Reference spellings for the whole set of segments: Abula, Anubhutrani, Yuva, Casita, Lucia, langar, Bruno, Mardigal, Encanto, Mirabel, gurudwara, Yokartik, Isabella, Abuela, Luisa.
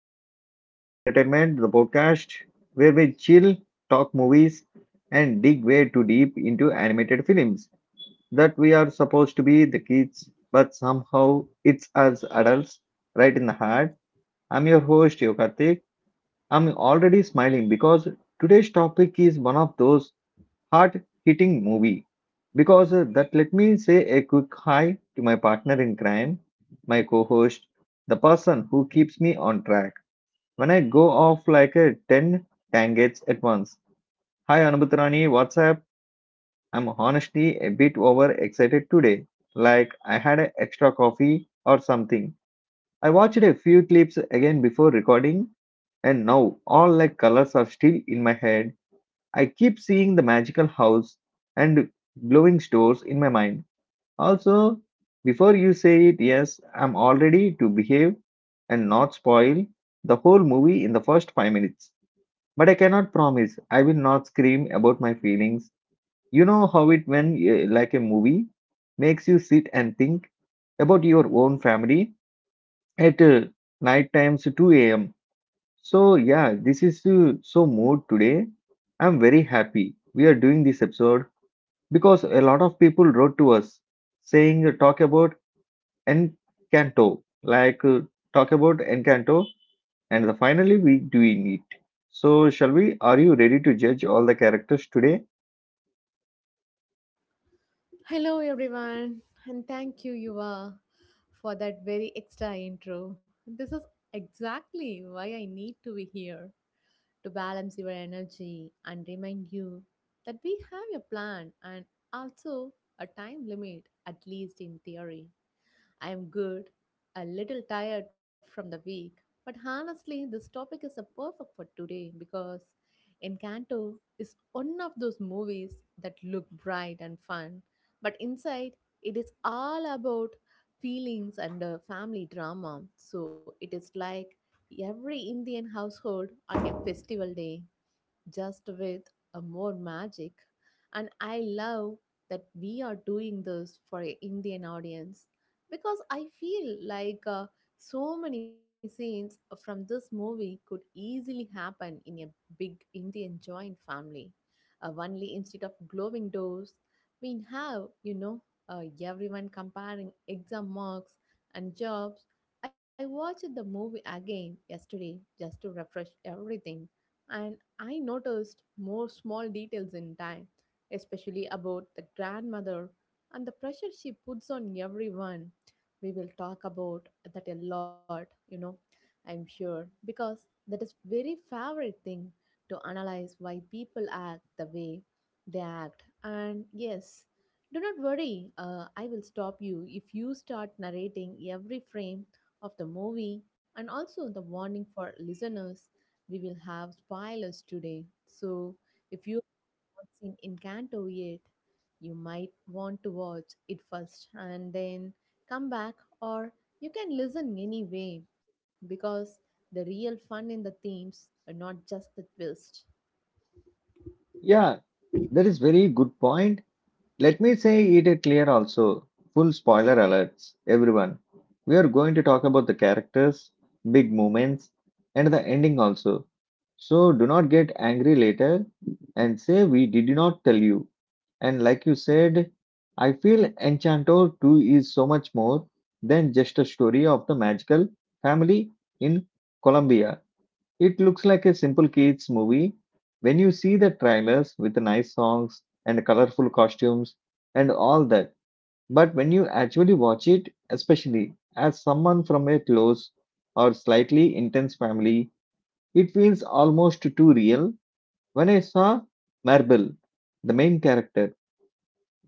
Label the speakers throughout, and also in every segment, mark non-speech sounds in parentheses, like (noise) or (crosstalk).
Speaker 1: another episode of Entertainment, the podcast where we chill, talk movies, and dig way too deep into animated films that we are supposed to be the kids, but somehow it's us adults right in the heart. I'm your host, Yokartik. I'm already smiling because today's topic is one of those hard hitting movie because that let me say a quick hi to my partner in crime, my co host, the person who keeps me on track when I go off like a 10 tangents at once. Hi Anubhutrani, what's up? I'm honestly a bit over excited today, like I had an extra coffee or something. I watched a few clips again before recording, and now all like colors are still in my head. I keep seeing the magical house and glowing stores in my mind. Also, before you say it, yes, I'm all ready to behave and not spoil the whole movie in the first 5 minutes. But I cannot promise I will not scream about my feelings. You know how it when like a movie makes you sit and think about your own family at night times 2 a.m. So yeah, this is so mood today. I'm very happy we are doing this episode because a lot of people wrote to us saying talk about Encanto, talk about Encanto, and the, finally we doing it. So shall we? Are you ready to judge all the characters today?
Speaker 2: Hello, everyone, and thank you, Yuva, for that very extra intro. This is exactly why I need to be here to balance your energy and remind you that we have a plan and also a time limit, at least in theory. I'm good, a little tired from the week, but honestly, this topic is a perfect for today because Encanto is one of those movies that look bright and fun, but inside it is all about feelings and family drama. So it is like every Indian household on a festival day just with a more magic. And I love that we are doing this for an Indian audience because I feel like so many scenes from this movie could easily happen in a big Indian joint family. Only instead of glowing doors, we have, everyone comparing exam marks and jobs. I watched the movie again yesterday just to refresh everything. And I noticed more small details in time, especially about the grandmother and the pressure she puts on everyone. We will talk about that a lot, you know, I'm sure, because that is very favorite thing to analyze why people act the way they act. And yes, do not worry, I will stop you if you start narrating every frame of the movie and also the warning for listeners we will have spoilers today. So, if you have not seen Encanto yet, you might want to watch it first and then come back, or you can listen anyway because the real fun in the themes are not just the twist.
Speaker 1: Yeah, that is very good point. Let me say it clear also. Full spoiler alerts, everyone. We are going to talk about the characters, big moments, and the ending also. So do not get angry later and say we did not tell you. And like you said, I feel Enchanto 2 is so much more than just a story of the magical family in Colombia. It looks like a simple kids movie. When you see the trailers with the nice songs and colorful costumes and all that, but when you actually watch it, especially as someone from a close or slightly intense family, it feels almost too real. When I saw Marble, the main character,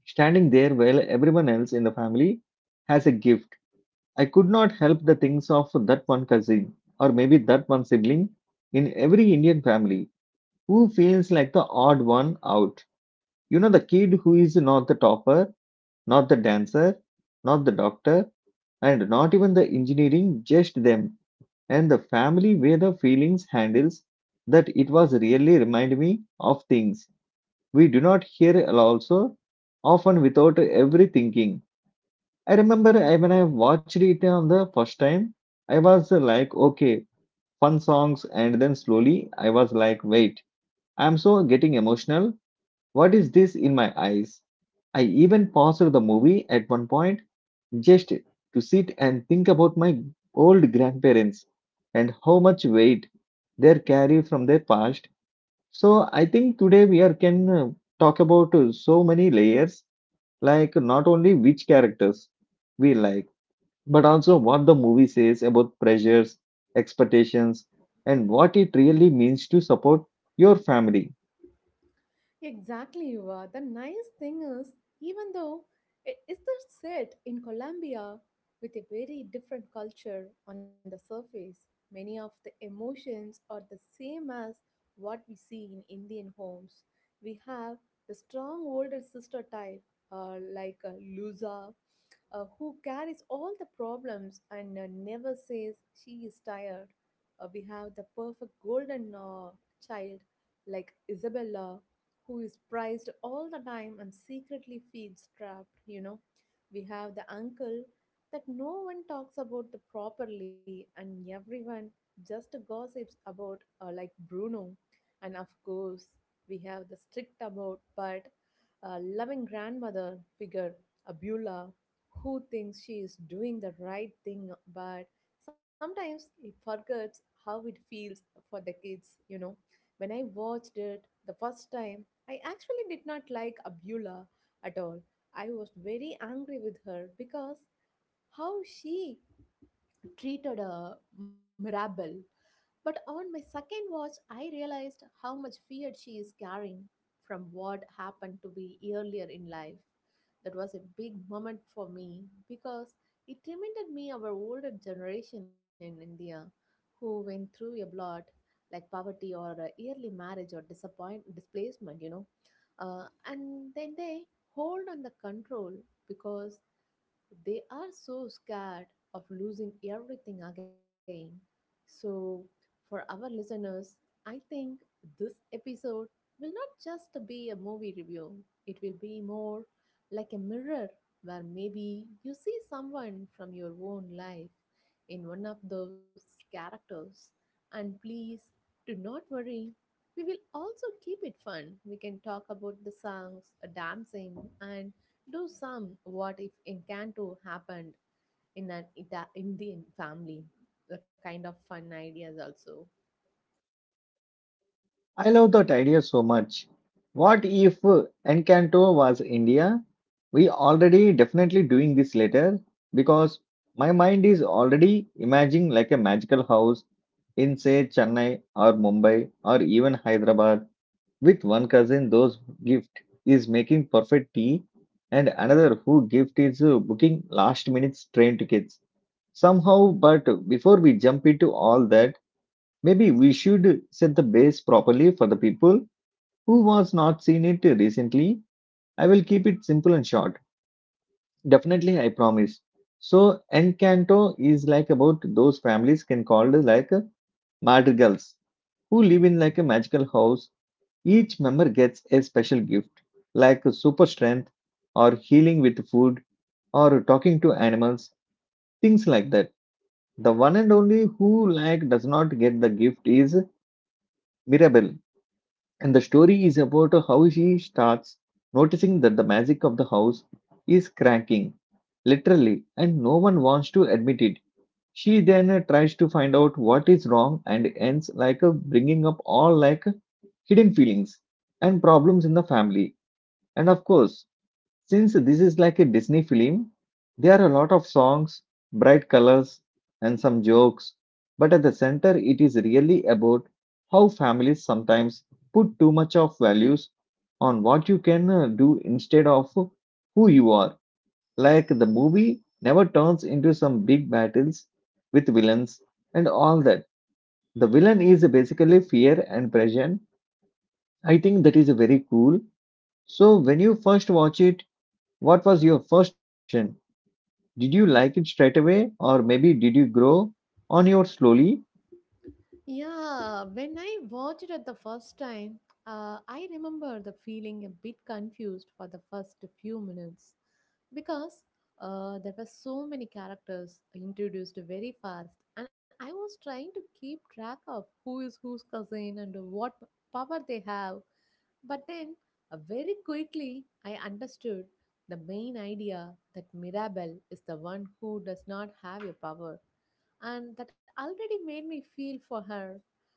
Speaker 1: standing there while everyone else in the family has a gift. I could not help the things of that one cousin or maybe that one sibling in every Indian family who feels like the odd one out. You know, the kid who is not the topper, not the dancer, not the doctor, and not even the engineering, just them. And the family where the feelings handles that it was really remind me of things we do not hear also often without every thinking. When I watched it on the first time, I was like, okay, fun songs, and then slowly I was like, wait, I'm so getting emotional. What is this in my eyes? I even paused the movie at one point just to sit and think about my old grandparents and how much weight they carry from their past. So I think today we are can talk about so many layers, like not only which characters we like but also what the movie says about pressures, expectations, and what it really means to support your family.
Speaker 2: Exactly, you are. The nice thing is, even though it is the set in Colombia with a very different culture on the surface, many of the emotions are the same as what we see in Indian homes. We have the strong older sister type, like Lusa who carries all the problems and never says she is tired. We have the perfect golden child like Isabella, who is prized all the time and secretly feels trapped, you know. We have the uncle that no one talks about the properly and everyone just gossips about like Bruno. And of course, we have the strict about but loving grandmother figure, Abula, who thinks she is doing the right thing, but sometimes it forgets how it feels for the kids, you know. When I watched it the first time, I actually did not like Abdullah at all. I was very angry with her because how she treated a Mirabel. But on my second watch, I realized how much fear she is carrying from what happened to be earlier in life. That was a big moment for me because it reminded me of our older generation in India who went through a lot like poverty or a early marriage or disappoint displacement, you know. And then they hold on the control because they are so scared of losing everything again. So, for our listeners, I think this episode will not just be a movie review, it will be more like a mirror where maybe you see someone from your own life in one of those characters. And please do not worry. We will also keep it fun. We can talk about the songs, dancing, and do some what if Encanto happened in an Indian family? The kind of fun ideas also.
Speaker 1: I love that idea so much. What if Encanto was India? We already definitely doing this later because my mind is already imagining like a magical house in say Chennai or Mumbai or even Hyderabad. With one cousin, those gift is making perfect tea, and another who gift is booking last minute train tickets. Somehow, but before we jump into all that, maybe we should set the base properly for the people who was not seen it recently. I will keep it simple and short. Definitely, I promise. So, Encanto is like about those families can called like madrigals who live in like a magical house. Each member gets a special gift, like super strength, or healing with food, or talking to animals, things like that. The one and only who like does not get the gift is Mirabel, and the story is about how she starts noticing that the magic of the house is cracking, literally, and no one wants to admit it. She then tries to find out what is wrong and ends like bringing up all like hidden feelings and problems in the family. And of course, since this is like a Disney film, there are a lot of songs, bright colors, and some jokes, but at the center, it is really about how families sometimes put too much of values on what you can do instead of who you are. Like the movie never turns into some big battles with villains and all that. The villain is basically fear and pressure. I think that is very cool. So, when you first watch it, what was your first reaction? Did you like it straight away, or maybe did you grow on your slowly?
Speaker 2: Yeah, when I watched it the first time, I remember the feeling a bit confused for the first few minutes because there were so many characters introduced very fast, and I was trying to keep track of who is whose cousin and what power they have. But then, very quickly, I understood the main idea that Mirabelle is the one who does not have a power, and that already made me feel for her.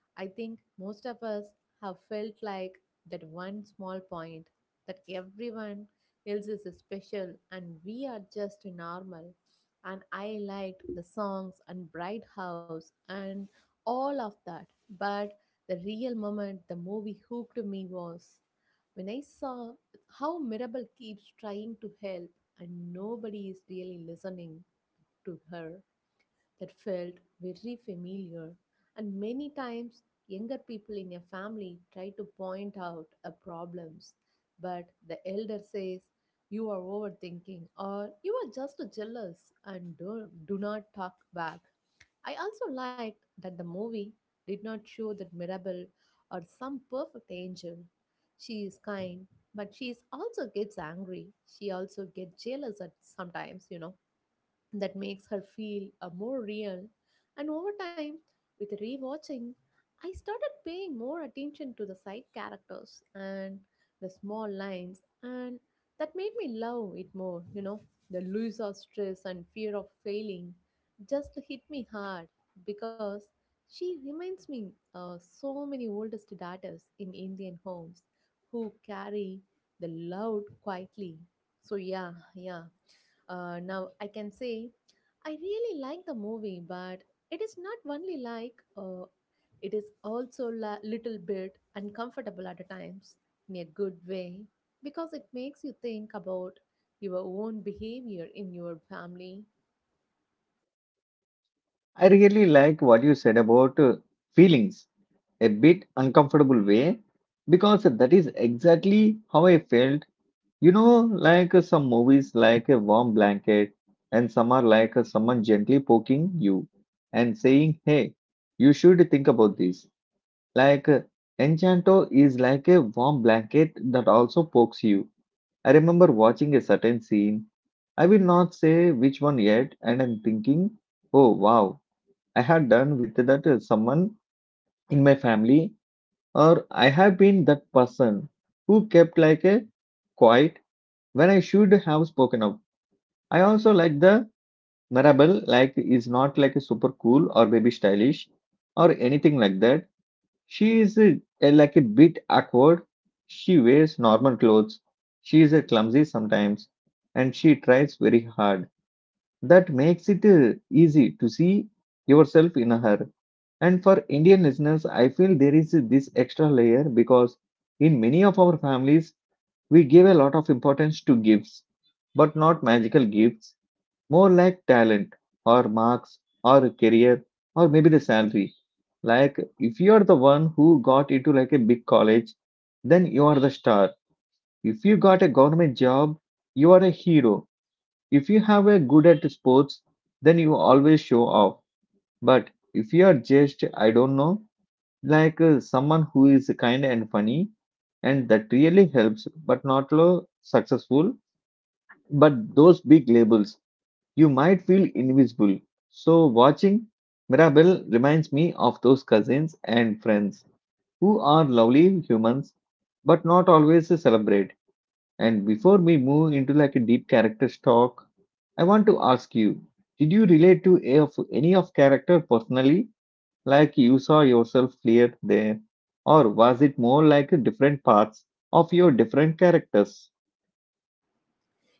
Speaker 2: I think most of us have felt like that one small point that everyone else is special and we are just normal. And I liked the songs and Bright House and all of that. But the real moment the movie hooked me was when I saw how Mirabel keeps trying to help and nobody is really listening to her that felt very familiar, and many times younger people in a family try to point out a problems, but the elder says you are overthinking or you are just jealous and do not talk back. I also liked that the movie did not show that Mirabel or some perfect angel. She is kind, but she is also gets angry. She also gets jealous at sometimes, you know that makes her feel more real. And over time, with rewatching, I started paying more attention to the side characters and the small lines, and that made me love it more. You know, the Louisa stress and fear of failing just hit me hard because she reminds me so many oldest daughters in Indian homes who carry the load quietly. So yeah, now I can say I really like the movie, but it is not only like it is also a little bit uncomfortable at times in a good way because it makes you think about your own behavior in your family.
Speaker 1: I really like what you said about feelings, a bit uncomfortable way, because that is exactly how I felt. You know, some movies, like a warm blanket, and some are like someone gently poking you and saying, "Hey, you should think about this." Like uh, Enchanto is like a warm blanket that also pokes you. I remember watching a certain scene. I will not say which one yet, and I'm thinking, oh wow, I had done with that someone in my family, or I have been that person who kept like a quiet when I should have spoken up. I also like the Mirabelle, like is not like a super cool or baby stylish or anything like that. She is like a bit awkward. She wears normal clothes. She is clumsy sometimes, and she tries very hard. That makes it easy to see yourself in her. And for Indian listeners, I feel there is this extra layer because in many of our families, we give a lot of importance to gifts, but not magical gifts, more like talent or marks or a career or maybe the salary. Like if you are the one who got into like a big college, then you are the star. If you got a government job, you are a hero. If you have a good at sports, then you always show off. But if you are just, I don't know, like someone who is kind and funny and that really helps but not low successful, but those big labels, you might feel invisible. So, watching Mirabelle reminds me of those cousins and friends who are lovely humans but not always celebrate. And before we move into like a deep character talk, I want to ask you, did you relate to a of any of character personally, like you saw yourself clear there, or was it more like different parts of your different characters?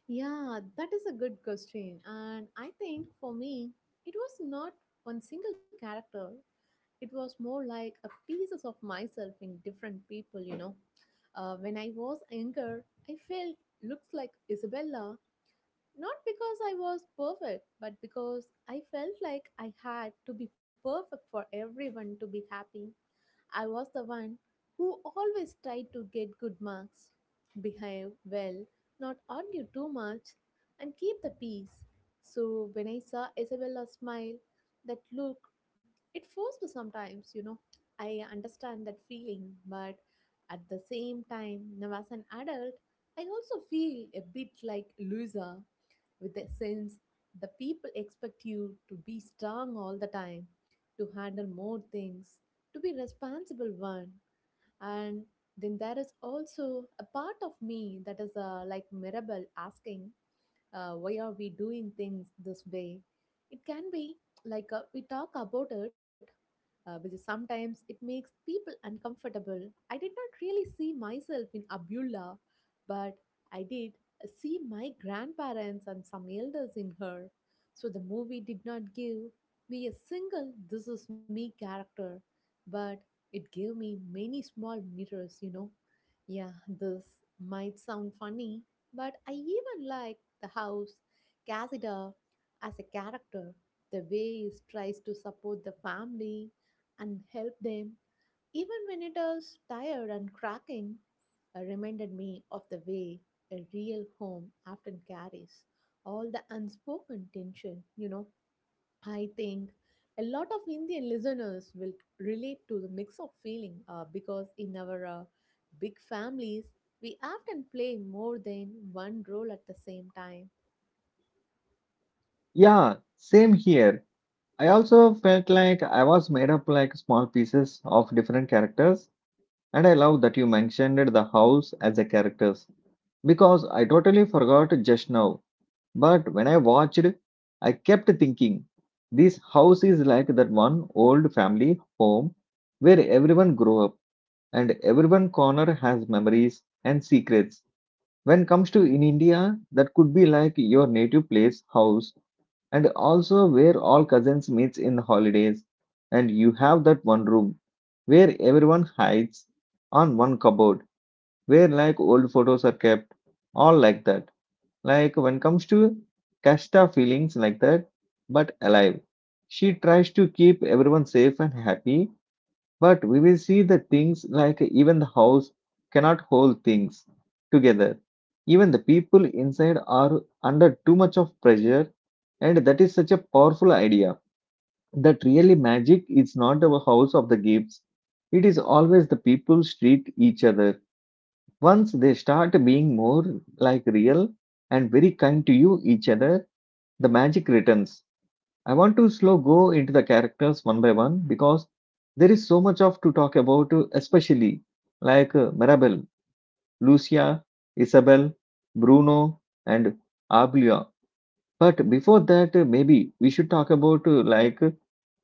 Speaker 2: Yeah, that is a good question, and I think for me it was not one single character it was more like a pieces of myself in different people you know when I was younger I felt looks like Isabella not because I was perfect but because I felt like I had to be perfect for everyone to be happy I was the one who always tried to get good marks behave well not argue too much and keep the peace so when I saw Isabella smile that look it forced sometimes, you know. I understand that feeling, but at the same time, now as an adult, I also feel a bit like loser with the sense the people expect you to be strong all the time, to handle more things, to be responsible one. And then there is also a part of me that is like Mirabel asking, why are we doing things this way it can be like we talk about it which is sometimes it makes people uncomfortable I did not really see myself in Abdullah but I did see my grandparents and some elders in her so the movie did not give me a single this is me character but it gave me many small mirrors you know yeah this might sound funny but I even like the house Cassida as a character, the way he tries to support the family and help them, even when it is tired and cracking, reminded me of the way a real home often carries all the unspoken tension. You know, I think a lot of Indian listeners will relate to the mix of feeling because in our big families, we often play more than one role at the same time
Speaker 1: Yeah, same here. I also felt like I was made up like small pieces of different characters, and I love that you mentioned the house as a characters because I totally forgot just now. But when I watched, I kept thinking this house is like that one old family home where everyone grew up and everyone corner has memories and secrets. When comes to in India, that could be like your native place house and also where all cousins meets in the holidays and you have that one room where everyone hides on one cupboard where like old photos are kept all like that. Like when comes to kashta feelings like that but alive, she tries to keep everyone safe and happy, but we will see the things like even the house cannot hold things together. Even the people inside are under too much of pressure, and that is such a powerful idea. That really magic is not the house of the gifts, it is always the people treat each other. Once they start being more like real and very kind to you each other, the magic returns. I want to slow go into the characters one by one because there is so much of to talk about, especially like Mirabel, Lucia, Isabel, Bruno, and Ablia. But before that, maybe we should talk about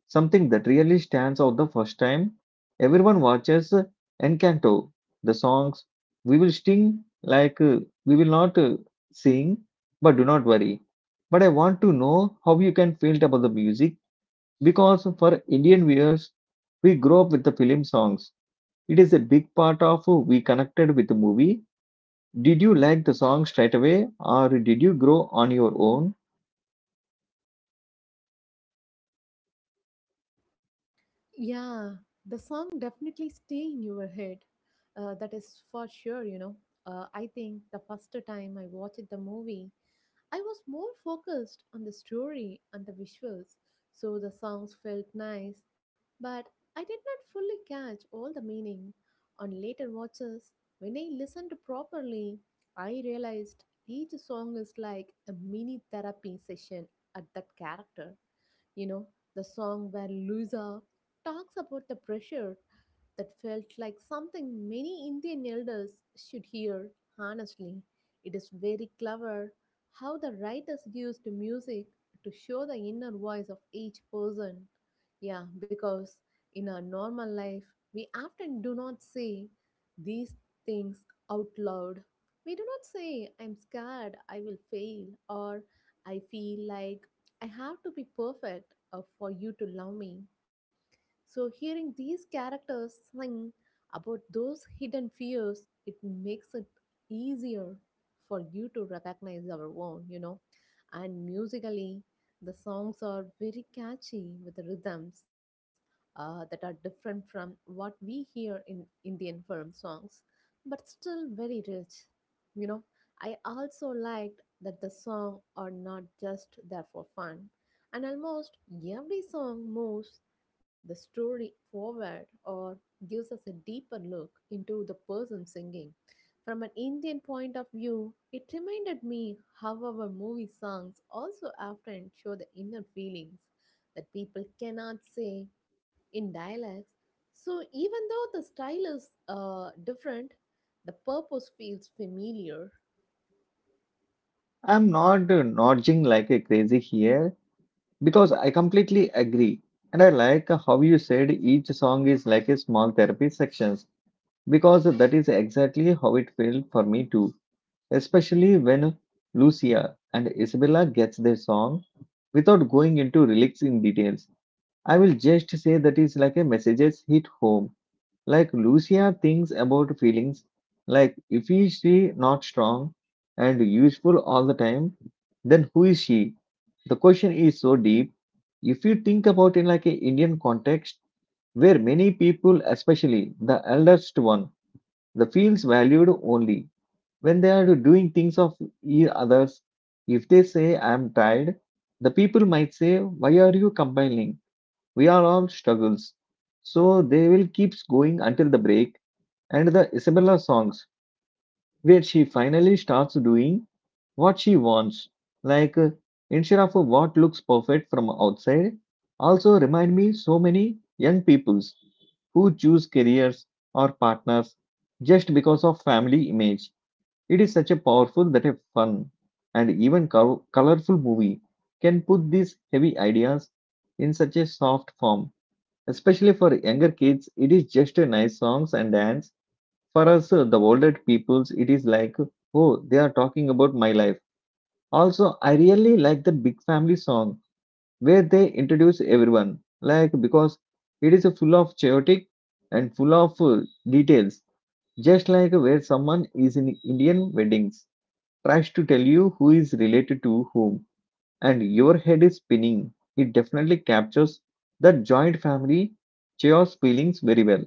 Speaker 1: something that really stands out the first time everyone watches Encanto. The songs we will sing like, we will not sing, but do not worry. But I want to know how you can feel about the music because for Indian viewers, we grow up with the film songs. It is a big part of who we connected with the movie. Did you like the song straight away or did you grow on your own?
Speaker 2: Yeah, the song definitely stay in your head. That is for sure, you know. I think the first time I watched the movie, I was more focused on the story and the visuals, so the songs felt nice, but I did not fully catch all the meaning. On later watches, when I listened properly, I realized each song is like a mini therapy session at that character. You know, the song where Luisa talks about the pressure, that felt like something many Indian elders should hear, honestly. It is very clever how the writers used music to show the inner voice of each person. Yeah, because in our normal life, we often do not say these things out loud. We do not say, I'm scared, I will fail, or I feel like I have to be perfect for you to love me. So, hearing these characters sing about those hidden fears, it makes it easier for you to recognize our own, you know. And musically, the songs are very catchy with the rhythms that are different from what we hear in Indian film songs, but still very rich, you know. I also liked that the songs are not just there for fun, and almost every song moves the story forward or gives us a deeper look into the person singing. From an Indian point of view, it reminded me how our movie songs also often show the inner feelings that people cannot say in dialects. So, even though the style is different, the purpose feels familiar.
Speaker 1: I'm not nudging like a crazy here because I completely agree. And I like how you said each song is like a small therapy sections, because that is exactly how it felt for me too. Especially when Lucia and Isabella gets their song, without going into lyrics in details, I will just say that is like a messages hit home. Like Lucia thinks about feelings. Like if he is she not strong and useful all the time, then who is she? The question is so deep. If you think about in like a Indian context, where many people, especially the eldest one, the feels valued only when they are doing things of others. If they say I am tired, the people might say, "Why are you complaining?" We are all struggles. So they will keep going until the break and the Isabella songs, where she finally starts doing what she wants. Like, uh, Instead of what looks perfect from outside, also remind me so many young peoples who choose careers or partners just because of family image. It is such a powerful that a fun and even colorful movie can put these heavy ideas in such a soft form. Especially for younger kids, it is just a nice songs and dance. For us, the older peoples, it is like, oh, they are talking about my life. Also, I really like the big family song where they introduce everyone, like because it is full of chaotic and full of details. Just like where someone is in Indian weddings, tries to tell you who is related to whom, and your head is spinning. It definitely captures that joint family chaos feelings very well.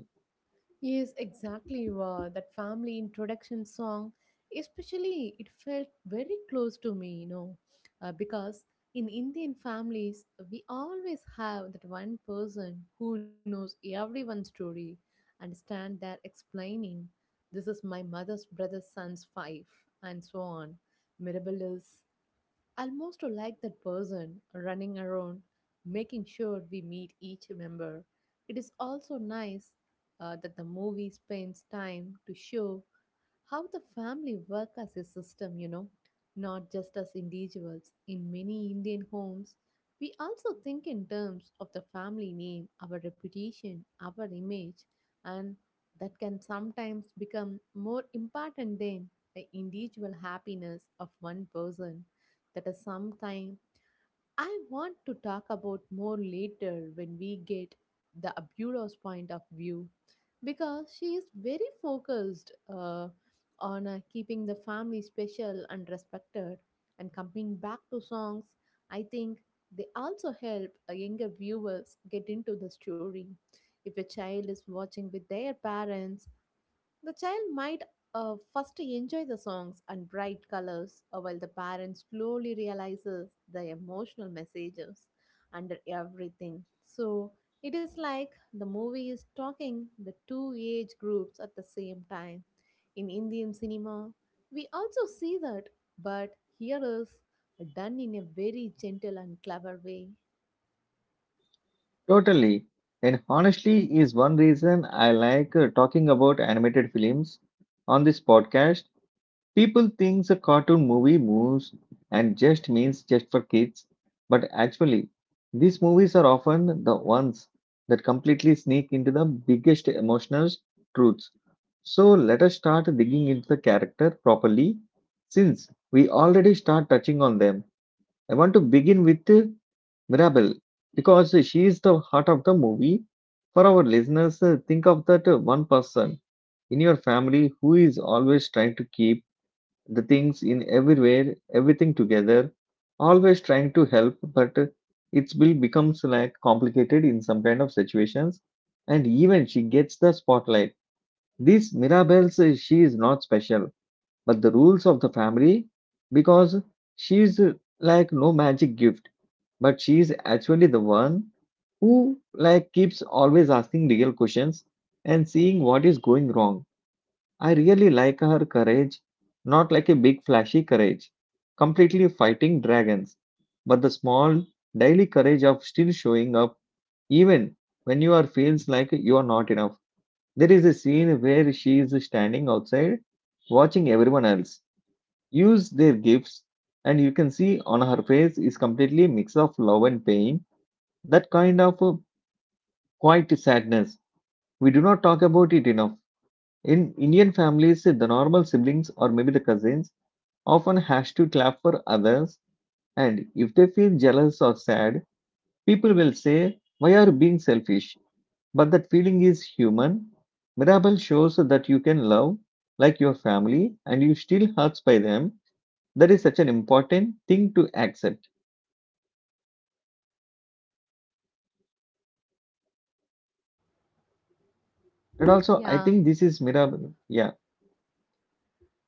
Speaker 2: Yes, exactly. Wow. That family introduction song, especially, it felt very close to me, you know, because in Indian families, we always have that one person who knows everyone's story and stand there explaining, this is my mother's brother's son's wife, and so on. Mirabelle is almost like that person running around making sure we meet each member. It is also nice that the movie spends time to show how the family work as a system, you know, not just as individuals. In many Indian homes, we also think in terms of the family name, our reputation, our image, and that can sometimes become more important than the individual happiness of one person. That is sometimes I want to talk about more later when we get the Aburo's point of view because she is very focused on keeping the family special and respected. And coming back to songs, I think they also help younger viewers get into the story. If a child is watching with their parents, the child might first enjoy the songs and bright colors, while the parent slowly realizes the emotional messages under everything. So it is like the movie is talking the two age groups at the same time. In Indian cinema, we also see that, but here is done in a very gentle and clever way.
Speaker 1: Totally. And honestly, is one reason I like talking about animated films on this podcast. People think a cartoon movie moves and just means just for kids, but actually, these movies are often the ones that completely sneak into the biggest emotional truths. So let us start digging into the character properly, since we already start touching on them. I want to begin with Mirabel, because she is the heart of the movie. For our listeners, think of that one person in your family who is always trying to keep the things in everywhere, everything together, always trying to help, but it will becomes like complicated in some kind of situations, and even she gets the spotlight. This Mirabelle says she is not special, but the rules of the family because she is like no magic gift, but she is actually the one who like keeps always asking real questions and seeing what is going wrong. I really like her courage, not like a big flashy courage, completely fighting dragons, but the small daily courage of still showing up even when you are feels like you are not enough. There is a scene where she is standing outside watching everyone else use their gifts, and you can see on her face is completely mix of love and pain, that kind of quiet sadness. We do not talk about it enough. In Indian families, the normal siblings or maybe the cousins often has to clap for others, and if they feel jealous or sad, people will say, "Why are you being selfish?" But that feeling is human. Mirabel shows that you can love like your family, and you still hurts by them. That is such an important thing to accept. And also,
Speaker 2: Yeah,
Speaker 1: I think this is Mirabel. Yeah.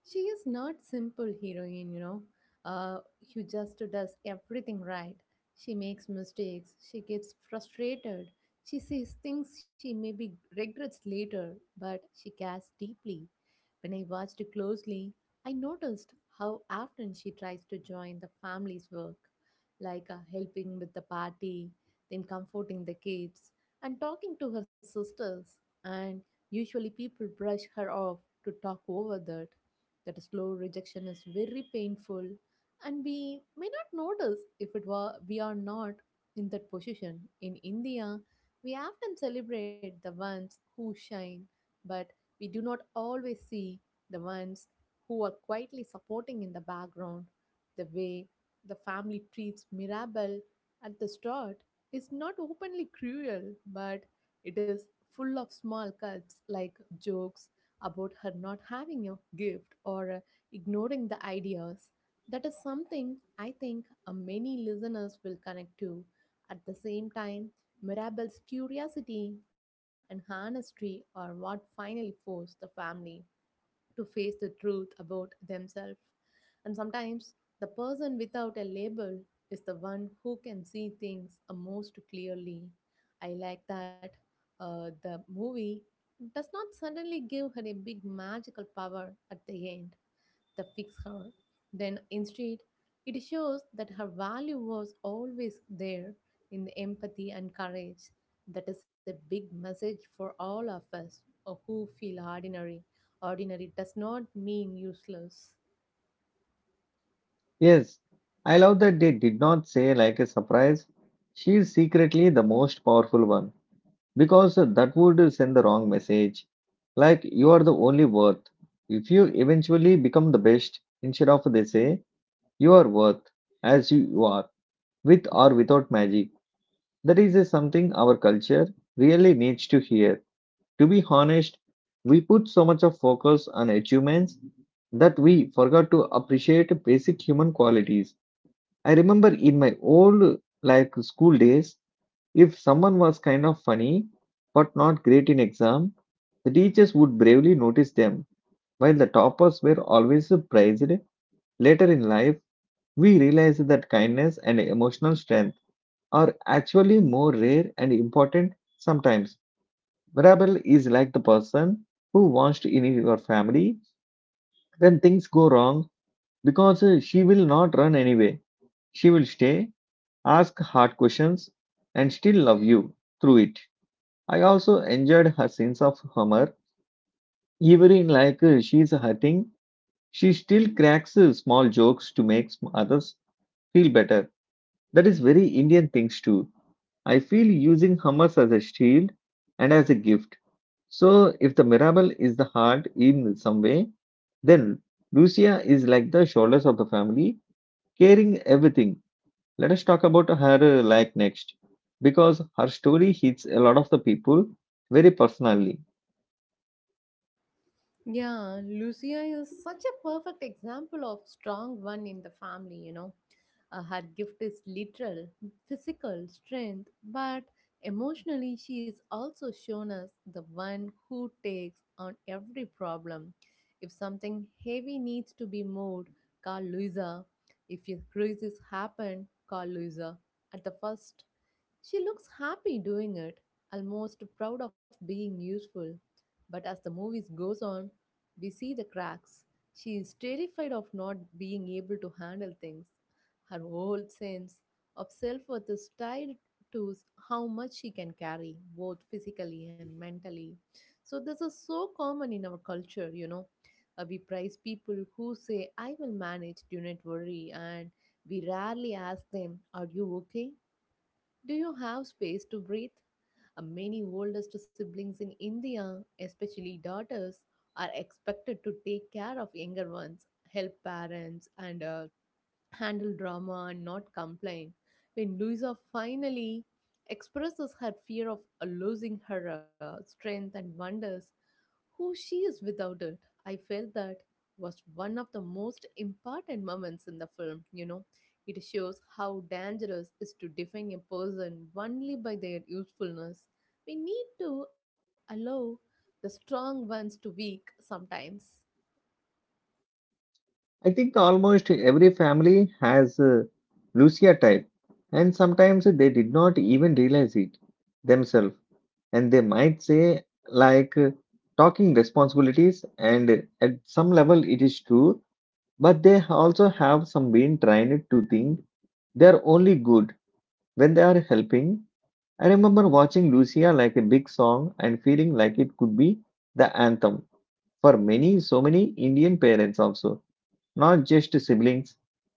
Speaker 2: she is not simple heroine, you know, uh, who just does everything right. She makes mistakes, she gets frustrated, she says things she maybe regrets later, but she cares deeply. When I watched closely, I noticed how often she tries to join the family's work, like helping with the party, then comforting the kids and talking to her sisters, and usually people brush her off, to talk over that. That slow rejection is very painful, and we may not notice if it were we are not in that position. In India, we often celebrate the ones who shine, but we do not always see the ones who are quietly supporting in the background. The way the family treats Mirabel at the start is not openly cruel, but it is full of small cuts like jokes about her not having a gift or ignoring the ideas. That is something I think many listeners will connect to. At the same time, Mirabelle's curiosity and honesty are what finally forced the family to face the truth about themselves. And sometimes the person without a label is the one who can see things most clearly. I like that the movie does not suddenly give her a big magical power at the end that fix her. Then instead, it shows that her value was always there in the empathy and courage. That is a big message for all of us who feel ordinary. Ordinary does not mean useless.
Speaker 1: Yes, I love that they did not say like a surprise. She is secretly the most powerful one, because that would send the wrong message. Like you are the only worth. If you eventually become the best, instead of they say you are worth as you are, with or without magic. That is a something our culture really needs to hear. To be honest, we put so much of focus on achievements that we forgot to appreciate basic human qualities. I remember in my old like school days, if someone was kind of funny but not great in exam, the teachers would bravely notice them. While the toppers were always praised, later in life we realized that kindness and emotional strength are actually more rare and important sometimes. Mirabel is like the person who wants to in your family when things go wrong because she will not run anyway. She will stay ask hard questions, and still love you through it. I also enjoyed her sense of humor. Even in like she's hurting, she still cracks small jokes to make others feel better. That is very Indian things too. I feel using humor as a shield and as a gift. So if the Mirabelle is the heart in some way, then Lucia is like the shoulders of the family, carrying everything. Let us talk about her like next, because her story hits a lot of the people very personally.
Speaker 2: Yeah, Lucia is such a perfect example of strong one in the family, you know. Her gift is literal, physical strength, but emotionally she is also shown as the one who takes on every problem. If something heavy needs to be moved, call Luisa. If a crisis happen, call Luisa. At the first she looks happy doing it, almost proud of being useful. But as the movie goes on, we see the cracks. She is terrified of not being able to handle things. Her whole sense of self worth is tied to how much she can carry, both physically and mentally. So, this is so common in our culture, you know. We praise people who say, "I will manage, do not worry," and we rarely ask them, "Are you okay? Do you have space to breathe?" Many oldest siblings in India, especially daughters, are expected to take care of younger ones, help parents, and handle drama and not complain. When Louisa finally expresses her fear of losing her strength and wonders who she is without it. I felt that was one of the most important moments in the film, you know. It shows how dangerous is to define a person only by their usefulness. We need to allow the strong ones to weak sometimes.
Speaker 1: I think almost every family has a Lucia type, and sometimes they did not even realize it themselves. And they might say, talking responsibilities, and at some level it is true, but they also have some been trained to think they are only good when they are helping. I remember watching Lucia like a big song and feeling like it could be the anthem for many, so many Indian parents also, not just siblings,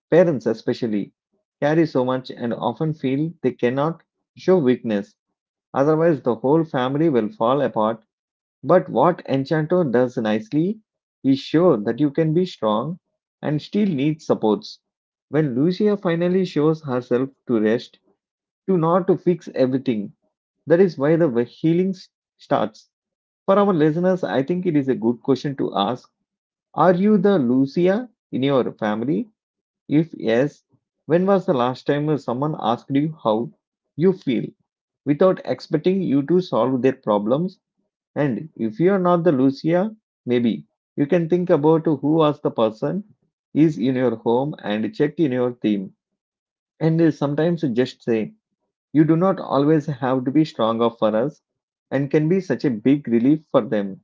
Speaker 1: parents especially, carry so much and often feel they cannot show weakness, otherwise, the whole family will fall apart. But what Enchanto does nicely is show that you can be strong and still need supports. When Lucia finally shows herself to rest, to not to fix everything, that is why the way healing starts. For our listeners, I think it is a good question to ask. Are you the Lucia in your family? If yes, when was the last time someone asked you how you feel without expecting you to solve their problems? And if you are not the Lucia, maybe you can think about who was the person is in your home and check in your theme. And sometimes just say, you do not always have to be stronger for us and can be such a big relief for them.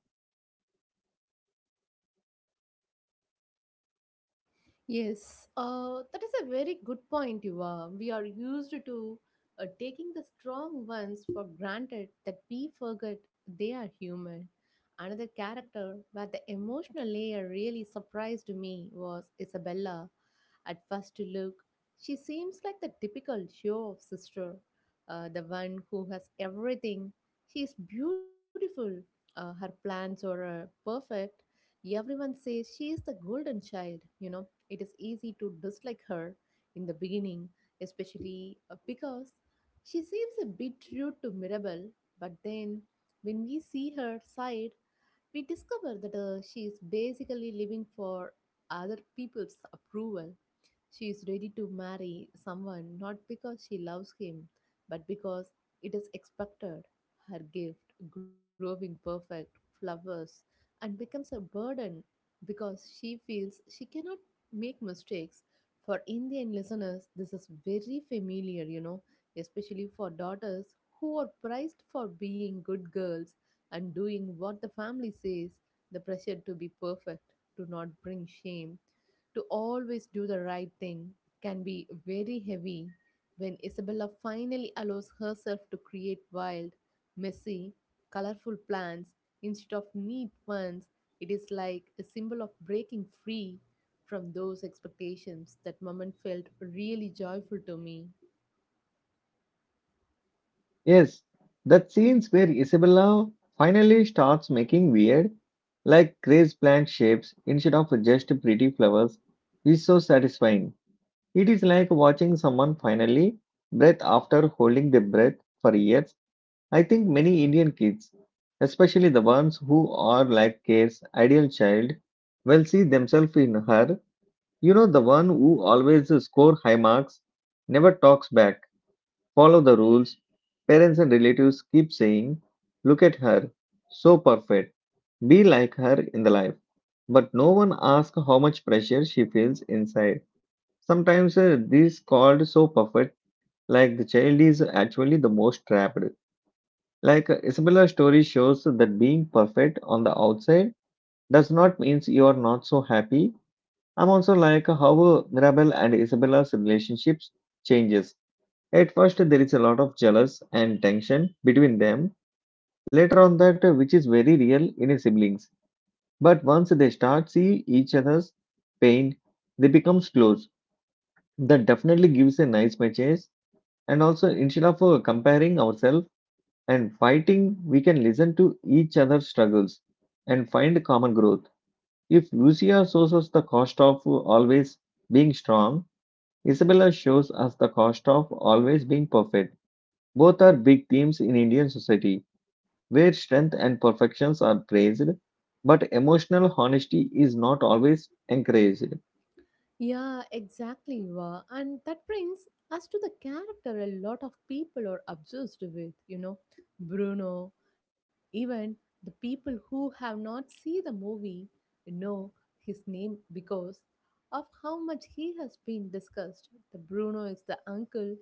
Speaker 2: Yes, that is a very good point, Yuva. We are used to taking the strong ones for granted that we forget they are human. Another character where the emotional layer really surprised me was Isabella. At first look, she seems like the typical show off sister, the one who has everything. She is beautiful, her plans are perfect. Everyone says she is the golden child, you know. It is easy to dislike her in the beginning, especially because she seems a bit rude to Mirabel, but then when we see her side, we discover that she is basically living for other people's approval. She is ready to marry someone not because she loves him, but because it is expected. Her gift, growing perfect, flowers, and becomes a burden because she feels she cannot make mistakes. For Indian listeners, this is very familiar, you know, especially for daughters who are prized for being good girls and doing what the family says, the pressure to be perfect, to not bring shame, to always do the right thing can be very heavy. When Isabella finally allows herself to create wild, messy, colorful plans instead of neat ones, it is like a symbol of breaking free from those expectations. That moment felt really joyful to me.
Speaker 1: Yes, that scenes where Isabella finally starts making weird, like crazy plant shapes instead of just pretty flowers is so satisfying. It is like watching someone finally breath after holding their breath for years. I think many Indian kids, especially the ones who are like Kate's ideal child, will see themselves in her. You know, the one who always score high marks, never talks back, follow the rules. Parents and relatives keep saying, look at her, so perfect, be like her in the life. But no one asks how much pressure she feels inside. Sometimes these called so perfect, like the child is actually the most trapped. Like Isabella's story shows that being perfect on the outside does not mean you are not so happy. I'm also like how Mirabel and Isabella's relationships changes. At first, there is a lot of jealous and tension between them. Later on, that which is very real in a siblings. But once they start see each other's pain, they becomes close. That definitely gives a nice message. And also, instead of comparing ourselves and fighting, we can listen to each other's struggles and find common growth. If Lucia shows us the cost of always being strong, Isabella shows us the cost of always being perfect. Both are big themes in Indian society, where strength and perfections are praised, but emotional honesty is not always encouraged.
Speaker 2: Yeah, exactly. Wa. And that brings us to the character a lot of people are obsessed with, you know, Bruno, even the people who have not seen the movie know his name because of how much he has been discussed. The Bruno is the uncle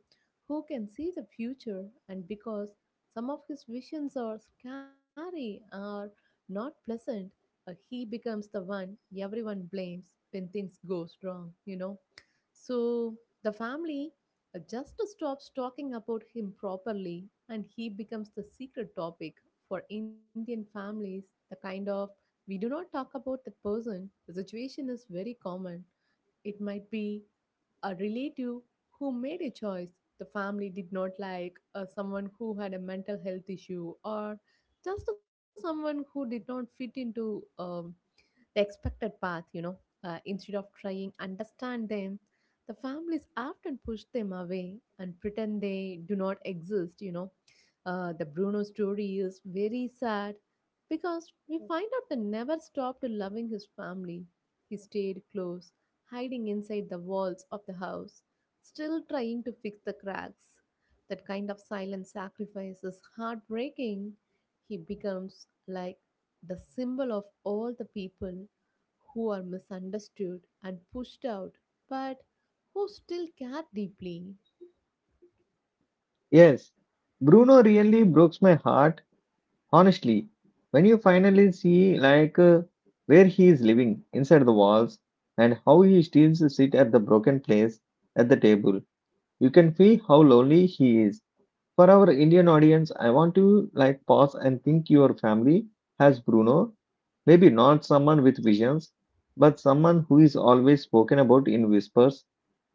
Speaker 2: who can see the future, and because some of his visions are scary or not pleasant, he becomes the one everyone blames when things goes wrong, you know. So the family just stops talking about him properly, and he becomes the secret topic. For Indian families, the kind of "we do not talk about" the person, the situation is very common. It might be a relative who made a choice the family did not like, someone who had a mental health issue, or just someone who did not fit into the expected path, you know. Instead of trying understand them, the families often push them away and pretend they do not exist, you know. The Bruno story is very sad because we find out they never stopped loving his family. He stayed close, hiding inside the walls of the house, still trying to fix the cracks. That kind of silent sacrifice is heartbreaking. He becomes like the symbol of all the people who are misunderstood and pushed out, but who still care deeply.
Speaker 1: Yes, Bruno really broke my heart, honestly. When you finally see, where he is living inside the walls and how he still sit at the broken place at the table, you can feel how lonely he is. For our Indian audience, I want to like pause and think your family has Bruno, maybe not someone with visions, but someone who is always spoken about in whispers.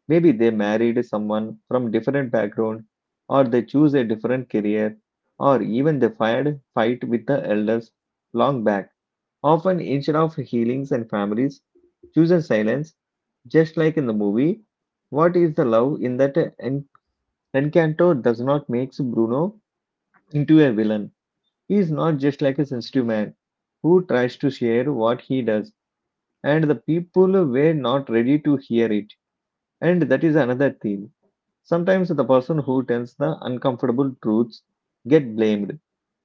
Speaker 1: Maybe they married someone from different background, or they choose a different career, or even they fired fight with the elders long back. Often instead of healings and families, chooses silence, just like in the movie. What is the love in that Encanto does not makes Bruno into a villain. He is not just like a sensitive man who tries to share what he does, and the people were not ready to hear it. And that is another theme. Sometimes the person who tells the uncomfortable truths get blamed,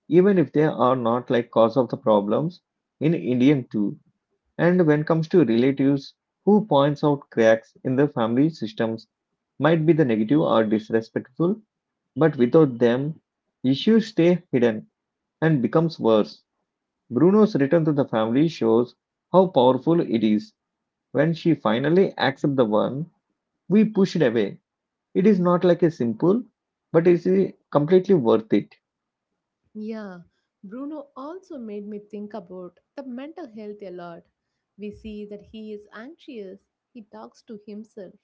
Speaker 1: even if they are not like cause of the problems in Indian too. And when comes to relatives who points out cracks in the family systems might be the negative or disrespectful, but without them, issues stay hidden and becomes worse. Bruno's return to the family shows how powerful it is. When she finally accepts the one we pushed away, it is not like a simple, but it is completely worth it.
Speaker 2: Yeah, Bruno also made me think about the mental health a lot. We see that he is anxious, he talks to himself,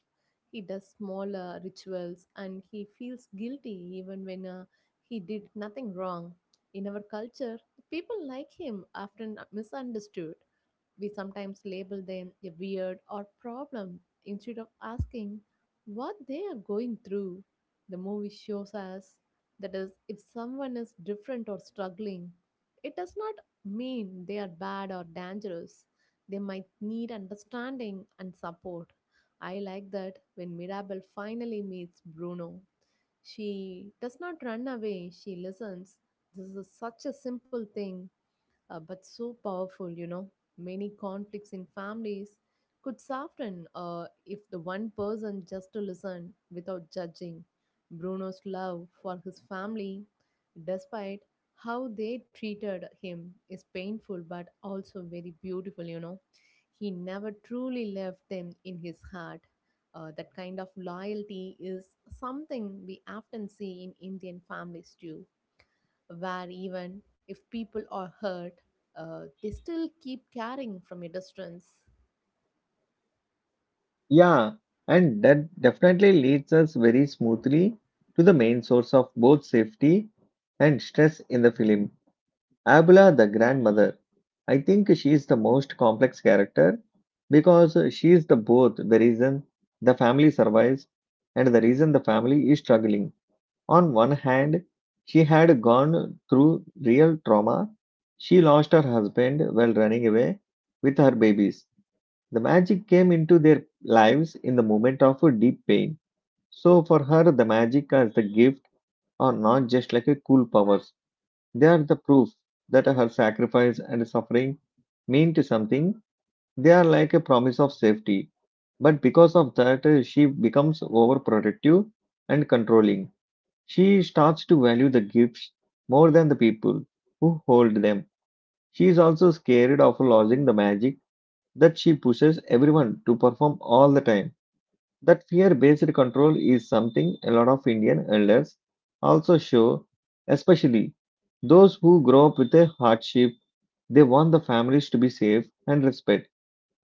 Speaker 2: he does smaller rituals, and he feels guilty even when he did nothing wrong. In our culture, people like him often misunderstood. We sometimes label them a weird or problem instead of asking what they are going through. The movie shows us that is, if someone is different or struggling, it does not mean they are bad or dangerous. They might need understanding and support. I like that when Mirabel finally meets Bruno, she does not run away, she listens. This is such a simple thing, but so powerful, you know. Many conflicts in families could soften if the one person just to listen without judging. Bruno's love for his family, despite how they treated him, is painful but also very beautiful, you know. He never truly left them in his heart. That kind of loyalty is something we often see in Indian families too, where even if people are hurt, they still keep caring from a distance.
Speaker 1: Yeah, and that definitely leads us very smoothly to the main source of both safety and stress in the film. Abula, the grandmother. I think she is the most complex character because she is the both the reason the family survives and the reason the family is struggling. On one hand, she had gone through real trauma. She lost her husband while running away with her babies. The magic came into their lives in the moment of a deep pain. So, for her, the magic as the gift are not just like a cool powers. They are the proof that her sacrifice and suffering meant something. They are like a promise of safety. But because of that, she becomes overprotective and controlling. She starts to value the gifts more than the people who hold them. She is also scared of losing the magic that she pushes everyone to perform all the time. That fear based control is something a lot of Indian elders also show, especially those who grow up with a hardship. They want the families to be safe and respect,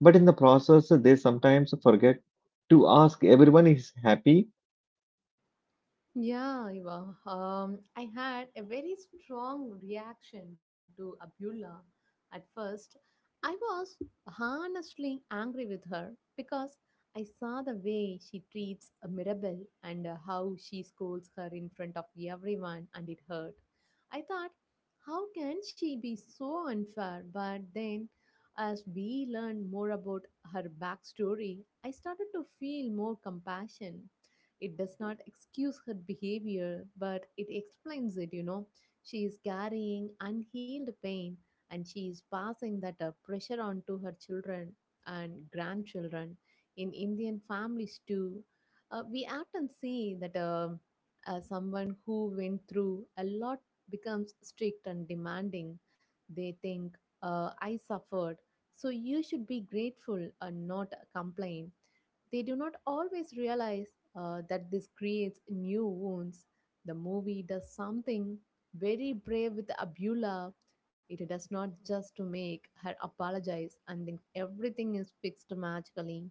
Speaker 1: but in the process, they sometimes forget to ask everyone is happy.
Speaker 2: Yeah, Eva. I had a very strong reaction to Abdullah at first. I was honestly angry with her because I saw the way she treats Mirabel and how she scolds her in front of everyone, and it hurt. I thought, how can she be so unfair? But then, as we learned more about her backstory, I started to feel more compassion. It does not excuse her behavior, but it explains it, you know. She is carrying unhealed pain, and she is passing that pressure on to her children and grandchildren. In Indian families, too, we often see that someone who went through a lot becomes strict and demanding. They think, I suffered, so you should be grateful and not complain. They do not always realize that this creates new wounds. The movie does something very brave with Abula. It does not just to make her apologize and think everything is fixed magically.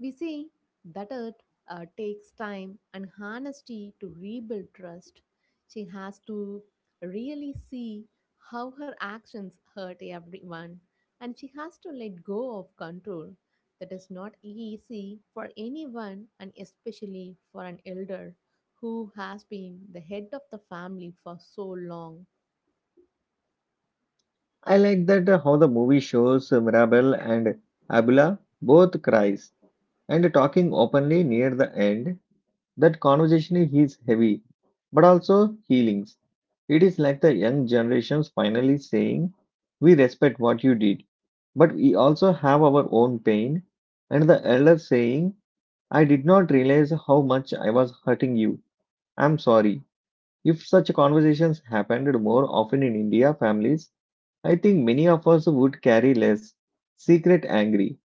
Speaker 2: We see that it takes time and honesty to rebuild trust. She has to really see how her actions hurt everyone, and she has to let go of control. That is not easy for anyone, and especially for an elder who has been the head of the family for so long.
Speaker 1: I like that how the movie shows Mirabel and Abula both cries and talking openly near the end. That conversation is heavy, but also healings. It is like the young generations finally saying, "We respect what you did, but we also have our own pain." And the elder saying, "I did not realize how much I was hurting you. I'm sorry." If such conversations happened more often in India, families, I think many of us would carry less secret angry.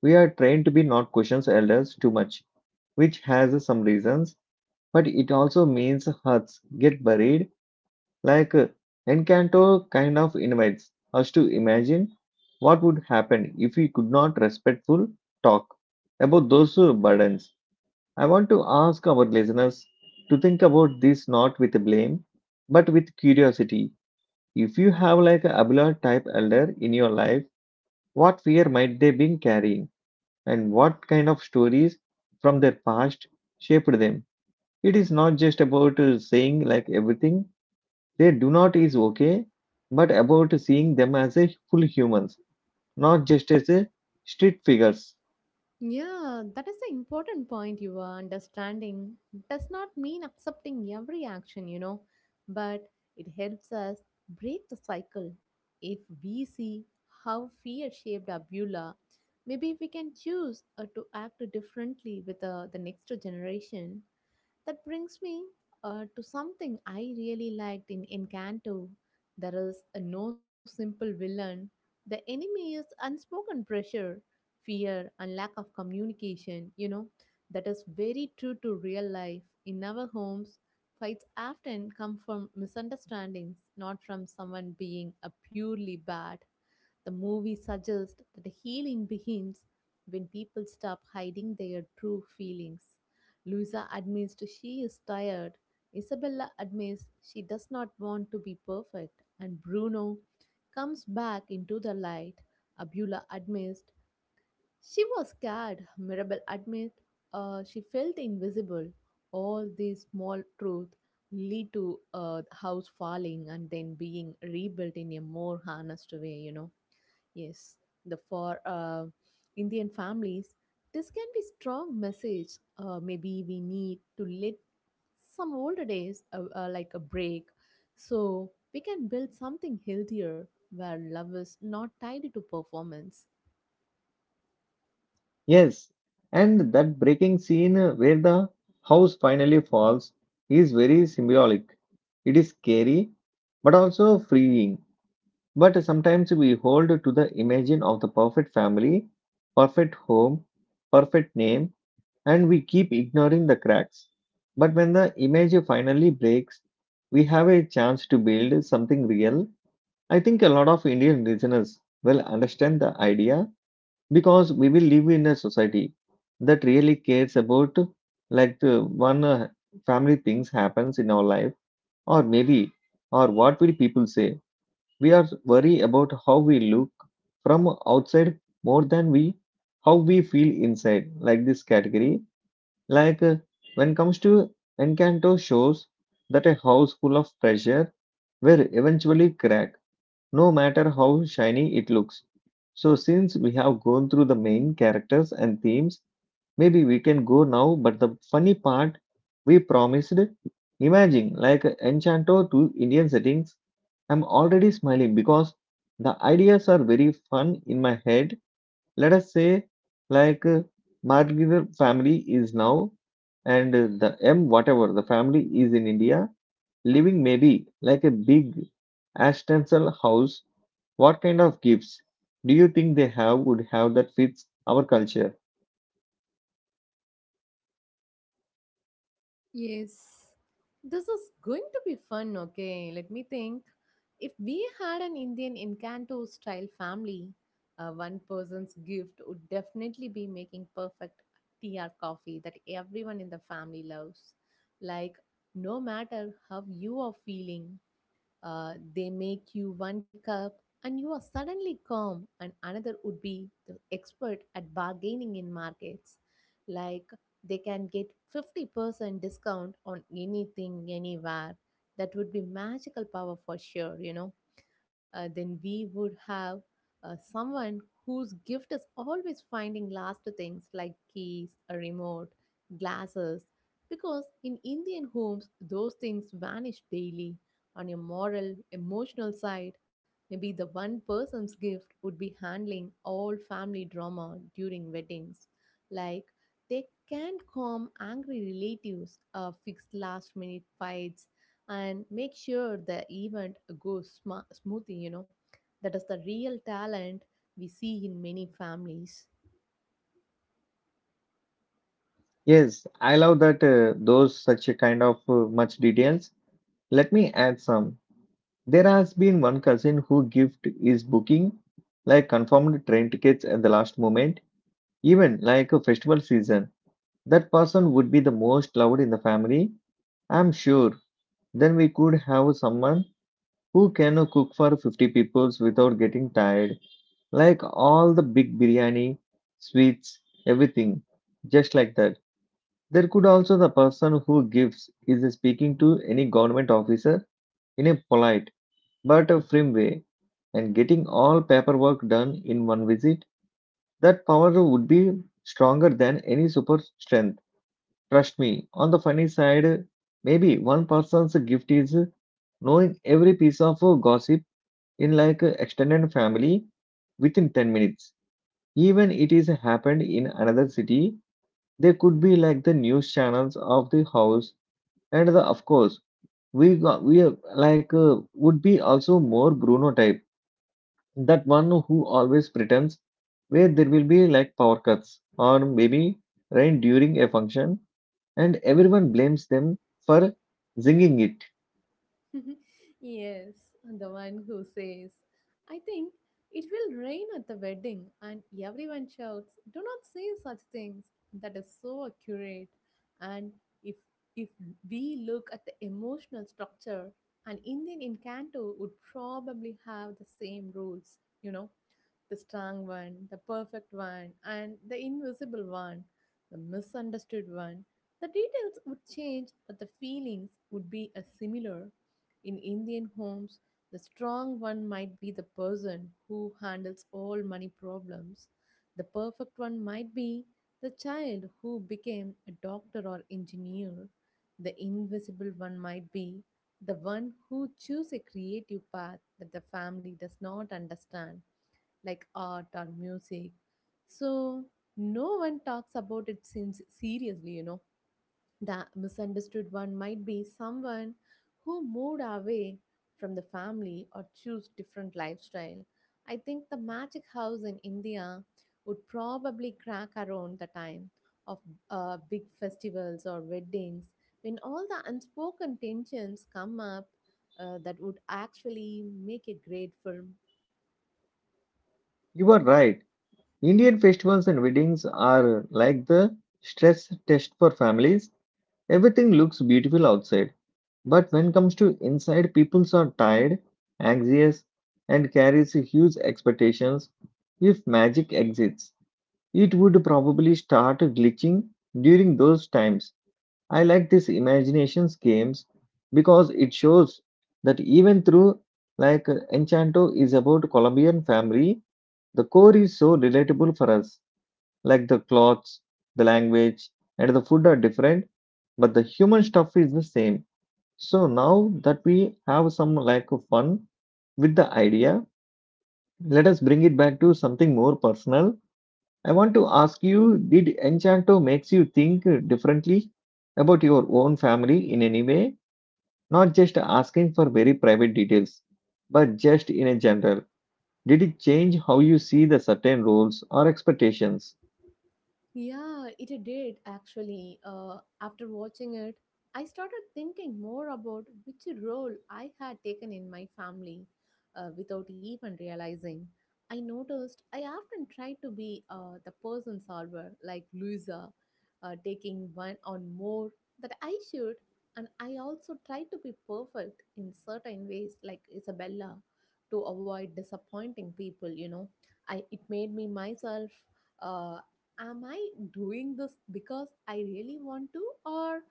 Speaker 1: We are trained to be not questions elders too much, which has some reasons, but it also means hurts get buried, like Encanto kind of invites us to imagine what would happen if we could not respectful talk about those burdens. I want to ask our listeners to think about this not with blame, but with curiosity. If you have like a Abla type elder in your life, what fear might they been carrying, and what kind of stories from their past shaped them? It is not just about saying like everything they do not is okay, but about seeing them as a full humans, not just as a street figures.
Speaker 2: Yeah, that is the important point you are understanding. Does not mean accepting every action, but it helps us break the cycle. If we see how fear shaped Abula, maybe we can choose to act differently with the next generation. That brings me to something I really liked in Encanto. There is a no simple villain. The enemy is unspoken pressure, fear, and lack of communication, that is very true to real life. In our homes, fights often come from misunderstandings, not from someone being a purely bad. The movie suggests that healing begins when people stop hiding their true feelings. Luisa admits she is tired, Isabella admits she does not want to be perfect, and Bruno comes back into the light. Abula admits she was scared, Mirabel admits she felt invisible. All these small truths lead to a house falling and then being rebuilt in a more honest way. Yes, the for Indian families, this can be strong message. Maybe we need to let some older days like a break, so we can build something healthier where love is not tied to performance.
Speaker 1: Yes, and that breaking scene where the house finally falls is very symbolic. It is scary, but also freeing. But sometimes we hold to the imagine of the perfect family, perfect home, perfect name, and we keep ignoring the cracks. But when the image finally breaks, we have a chance to build something real. I think a lot of Indian listeners will understand the idea because we will live in a society that really cares about like the one family things happens in our life, or maybe, or what will people say. We are worried about how we look from outside more than we how we feel inside. Like this category, like when comes to Encanto shows that a house full of treasure will eventually crack, no matter how shiny it looks. So since we have gone through the main characters and themes, maybe we can go now. But the funny part, we promised. Imagine like Enchanto to Indian settings. I'm already smiling because the ideas are very fun in my head. Let us say, like, Margitar family is now, and the M whatever the family is in India, living maybe like a big Ashtansel house. What kind of gifts do you think they have would have that fits our culture?
Speaker 2: Yes, this is going to be fun. Okay, let me think. If we had an Indian Encanto style family, one person's gift would definitely be making perfect tea or coffee that everyone in the family loves. Like, no matter how you are feeling, they make you one cup and you are suddenly calm, and another would be the expert at bargaining in markets. Like they can get 50% discount on anything, anywhere. That would be magical power for sure, then we would have someone whose gift is always finding last things like keys, a remote, glasses, because in Indian homes, those things vanish daily. On your moral, emotional side, maybe the one person's gift would be handling all family drama during weddings. Like, they can calm angry relatives, fix last minute fights, and make sure the event goes smoothly. That is the real talent we see in many families.
Speaker 1: Yes, I love that those such a kind of much details. Let me add some. There has been one cousin who gift is booking like confirmed train tickets at the last moment, even like a festival season. That person would be the most loved in the family, I'm sure. Then we could have someone who can cook for 50 peoples without getting tired, like all the big biryani, sweets, everything, just like that. There could also the person who gives is speaking to any government officer in a polite but a firmware and getting all paperwork done in one visit, that power would be stronger than any super strength. Trust me, on the funny side, maybe one person's gift is knowing every piece of gossip in like extended family within 10 minutes. Even it is happened in another city, there could be like the news channels of the house and the of course we got, we are like would be also more Bruno type, that one who always pretends where there will be like power cuts or maybe rain during a function and everyone blames them for singing it.
Speaker 2: (laughs) Yes, and the one who says, I think it will rain at the wedding, and everyone shouts, Do not say such things. That is so accurate. And if if we look at the emotional structure, an Indian incanto would probably have the same rules, the strong one, the perfect one, and the invisible one, the misunderstood one. The details would change, but the feelings would be as similar. In Indian homes, the strong one might be the person who handles all money problems. The perfect one might be the child who became a doctor or engineer. The invisible one might be the one who choose a creative path that the family does not understand, like art or music. So no one talks about it since seriously. The misunderstood one might be someone who moved away from the family or chose different lifestyle. I think the magic house in India would probably crack around the time of big festivals or weddings when all the unspoken tensions come up. That would actually make a great film.
Speaker 1: You are right. Indian festivals and weddings are like the stress test for families. Everything looks beautiful outside, but when comes to inside, people are tired, anxious, and carries huge expectations. If magic exists, it would probably start glitching during those times. I like this imaginations games because it shows that even through like Enchanto is about Colombian family, the core is so relatable for us. Like the clothes, the language, and the food are different, but the human stuff is the same. So now that we have some like of fun with the idea, let us bring it back to something more personal. I want to ask you, did Enchanto makes you think differently about your own family in any way? Not just asking for very private details, but just in a general. Did it change how you see the certain rules or expectations?
Speaker 2: Yeah, it did actually. After watching it, I started thinking more about which role I had taken in my family without even realizing. I noticed I often tried to be the person solver, like Louisa, taking one on more that I should, and I also tried to be perfect in certain ways, like Isabella, to avoid disappointing people. You know, I it made me myself. uh, Am I doing this because I really want to or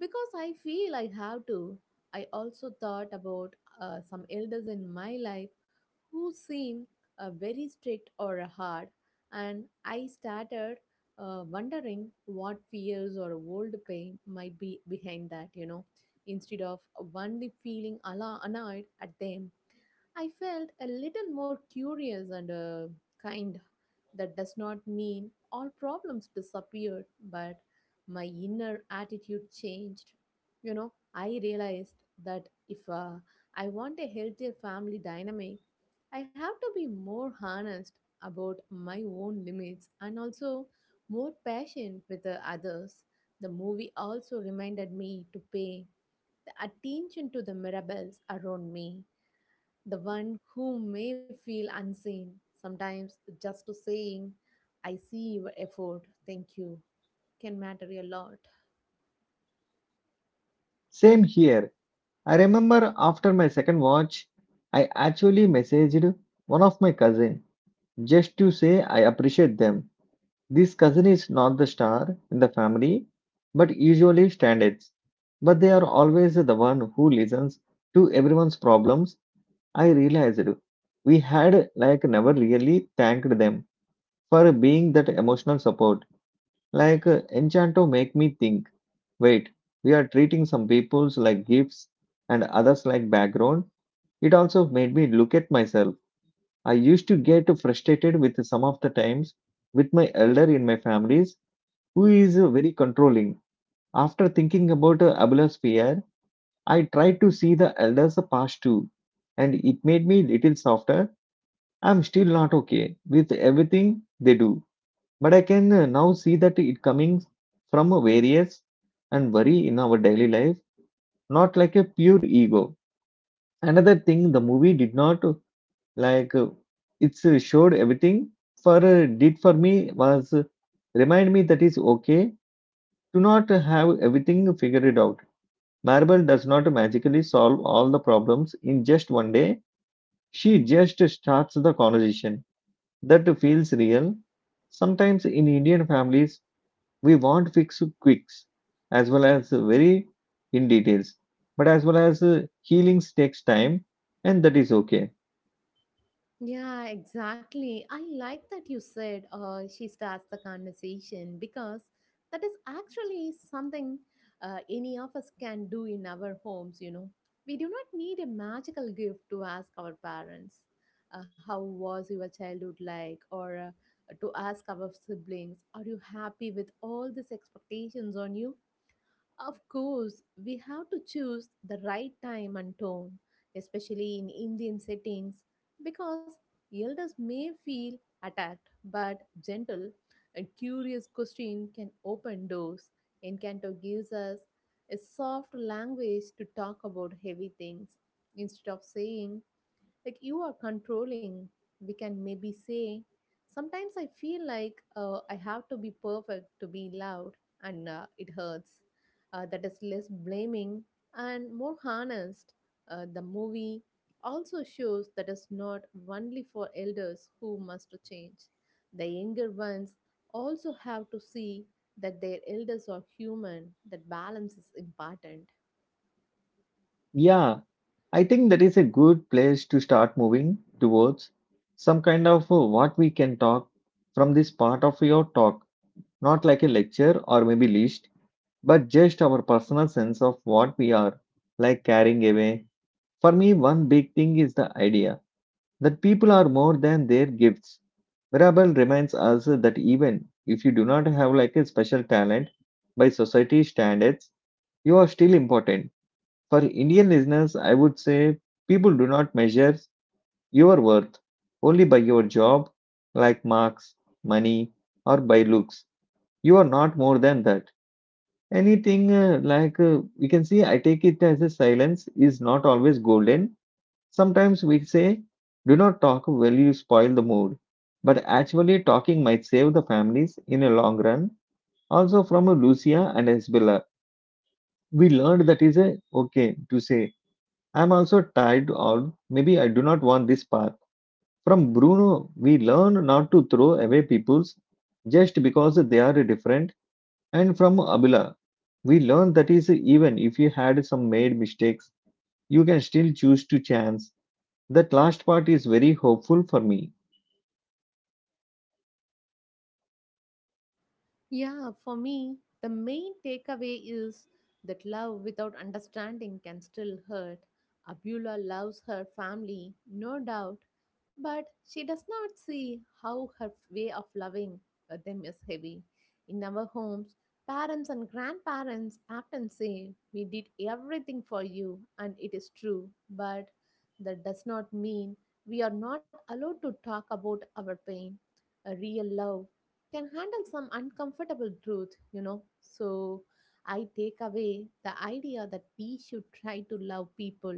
Speaker 2: because I feel I have to? I also thought about some elders in my life who seem very strict or hard, and I started wondering what fears or old pain might be behind that, instead of only feeling annoyed at them. I felt a little more curious and kind. That does not mean all problems disappeared, but my inner attitude changed. You know, I realized that if I want a healthier family dynamic, I have to be more honest about my own limits and also more patient with the others. The movie also reminded me to pay the attention to the miracles around me the one who may feel unseen, sometimes just to saying, I see your effort, thank you, can matter a lot.
Speaker 1: Same here. I remember after my second watch, I actually messaged one of my cousin just to say I appreciate them. This cousin is not the star in the family, but usually standards. But they are always the one who listens to everyone's problems. I realized we had like never really thanked them for being that emotional support. Like Enchanto make me think, wait, we are treating some peoples like gifts and others like background. It also made me look at myself. I used to get frustrated with some of the times with my elder in my families who is very controlling. After thinking about Abula's fear, I tried to see the elders past too, and it made me little softer. I'm still not okay with everything they do. But I can now see that it coming from a various and worry in our daily life, not like a pure ego. Another thing, the movie did not like it's showed everything for did for me was remind me that is okay to not have everything figured out. Marble does not magically solve all the problems in just one day. She just starts the conversation that feels real. Sometimes in Indian families, we want fix quicks as well as very in details, but as well as healings takes time, and that is okay.
Speaker 2: Yeah, exactly. I like that you said she starts the conversation because that is actually something any of us can do in our homes. We do not need a magical gift to ask our parents, How was your childhood like? Or to ask our siblings, Are you happy with all these expectations on you? Of course, we have to choose the right time and tone, especially in Indian settings, because elders may feel attacked, but gentle and curious question can open doors. Encanto gives us a soft language to talk about heavy things. Instead of saying like you are controlling, we can maybe say sometimes I feel like I have to be perfect to be loved and it hurts. That is less blaming and more honest. The movie also shows that is not only for elders who must to change, the younger ones also have to see that their elders are human, that balance is important.
Speaker 1: Yeah, I think that is a good place to start moving towards some kind of what we can talk from this part of your talk, not like a lecture or maybe list, but just our personal sense of what we are like carrying away. For me, one big thing is the idea that people are more than their gifts. Mirabal reminds us that even if you do not have like a special talent by society standards, you are still important. For Indian listeners, I would say people do not measure your worth only by your job, like marks, money, or by looks. You are not more than that. Anything like we can see, I take it as a silence is not always golden. Sometimes we say, do not talk well, you spoil the mood. But actually, talking might save the families in a long run. Also, from Lucia and Isabella, we learned that is a okay to say, I'm also tired or maybe I do not want this path. From Bruno, we learn not to throw away people's just because they are different. And from Abila, we learn that is even if you had some made mistakes, you can still choose to chance. That last part is very hopeful for me.
Speaker 2: Yeah, for me, the main takeaway is that love without understanding can still hurt. Abula loves her family, no doubt, but she does not see how her way of loving them is heavy. In our homes, parents and grandparents often say, We did everything for you, and it is true, but that does not mean we are not allowed to talk about our pain. A real love can handle some uncomfortable truth. So I take away the idea that we should try to love people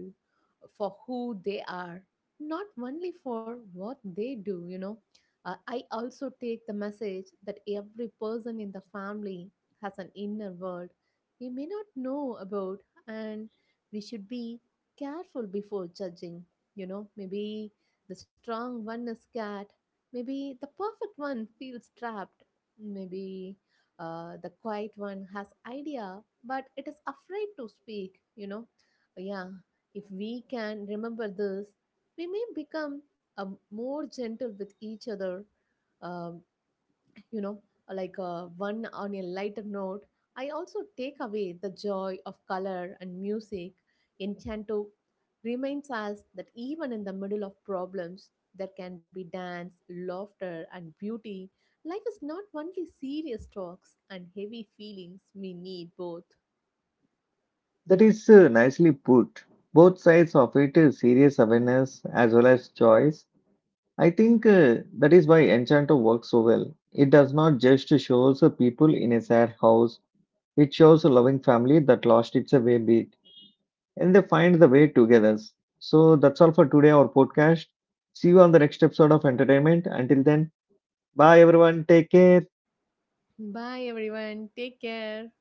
Speaker 2: for who they are, not only for what they do. I also take the message that every person in the family has an inner world we may not know about, and we should be careful before judging. Maybe the strong one is scared. Maybe the perfect one feels trapped. Maybe the quiet one has idea, but it is afraid to speak. Yeah, if we can remember this, we may become more gentle with each other um, you know like, one on a lighter note, I also take away the joy of color and music. Enchanto reminds us that even in the middle of problems there can be dance, laughter and beauty. Life is not only serious talks and heavy feelings, we need both.
Speaker 1: That is nicely put. Both sides of it is serious awareness as well as choice. I think that is why Enchanto works so well. It does not just shows a people in a sad house. It shows a loving family that lost its way beat and they find the way together. So that's all for today our podcast. See you on the next episode of Entertainment. Until then, bye everyone. Take care.
Speaker 2: Bye everyone, take care.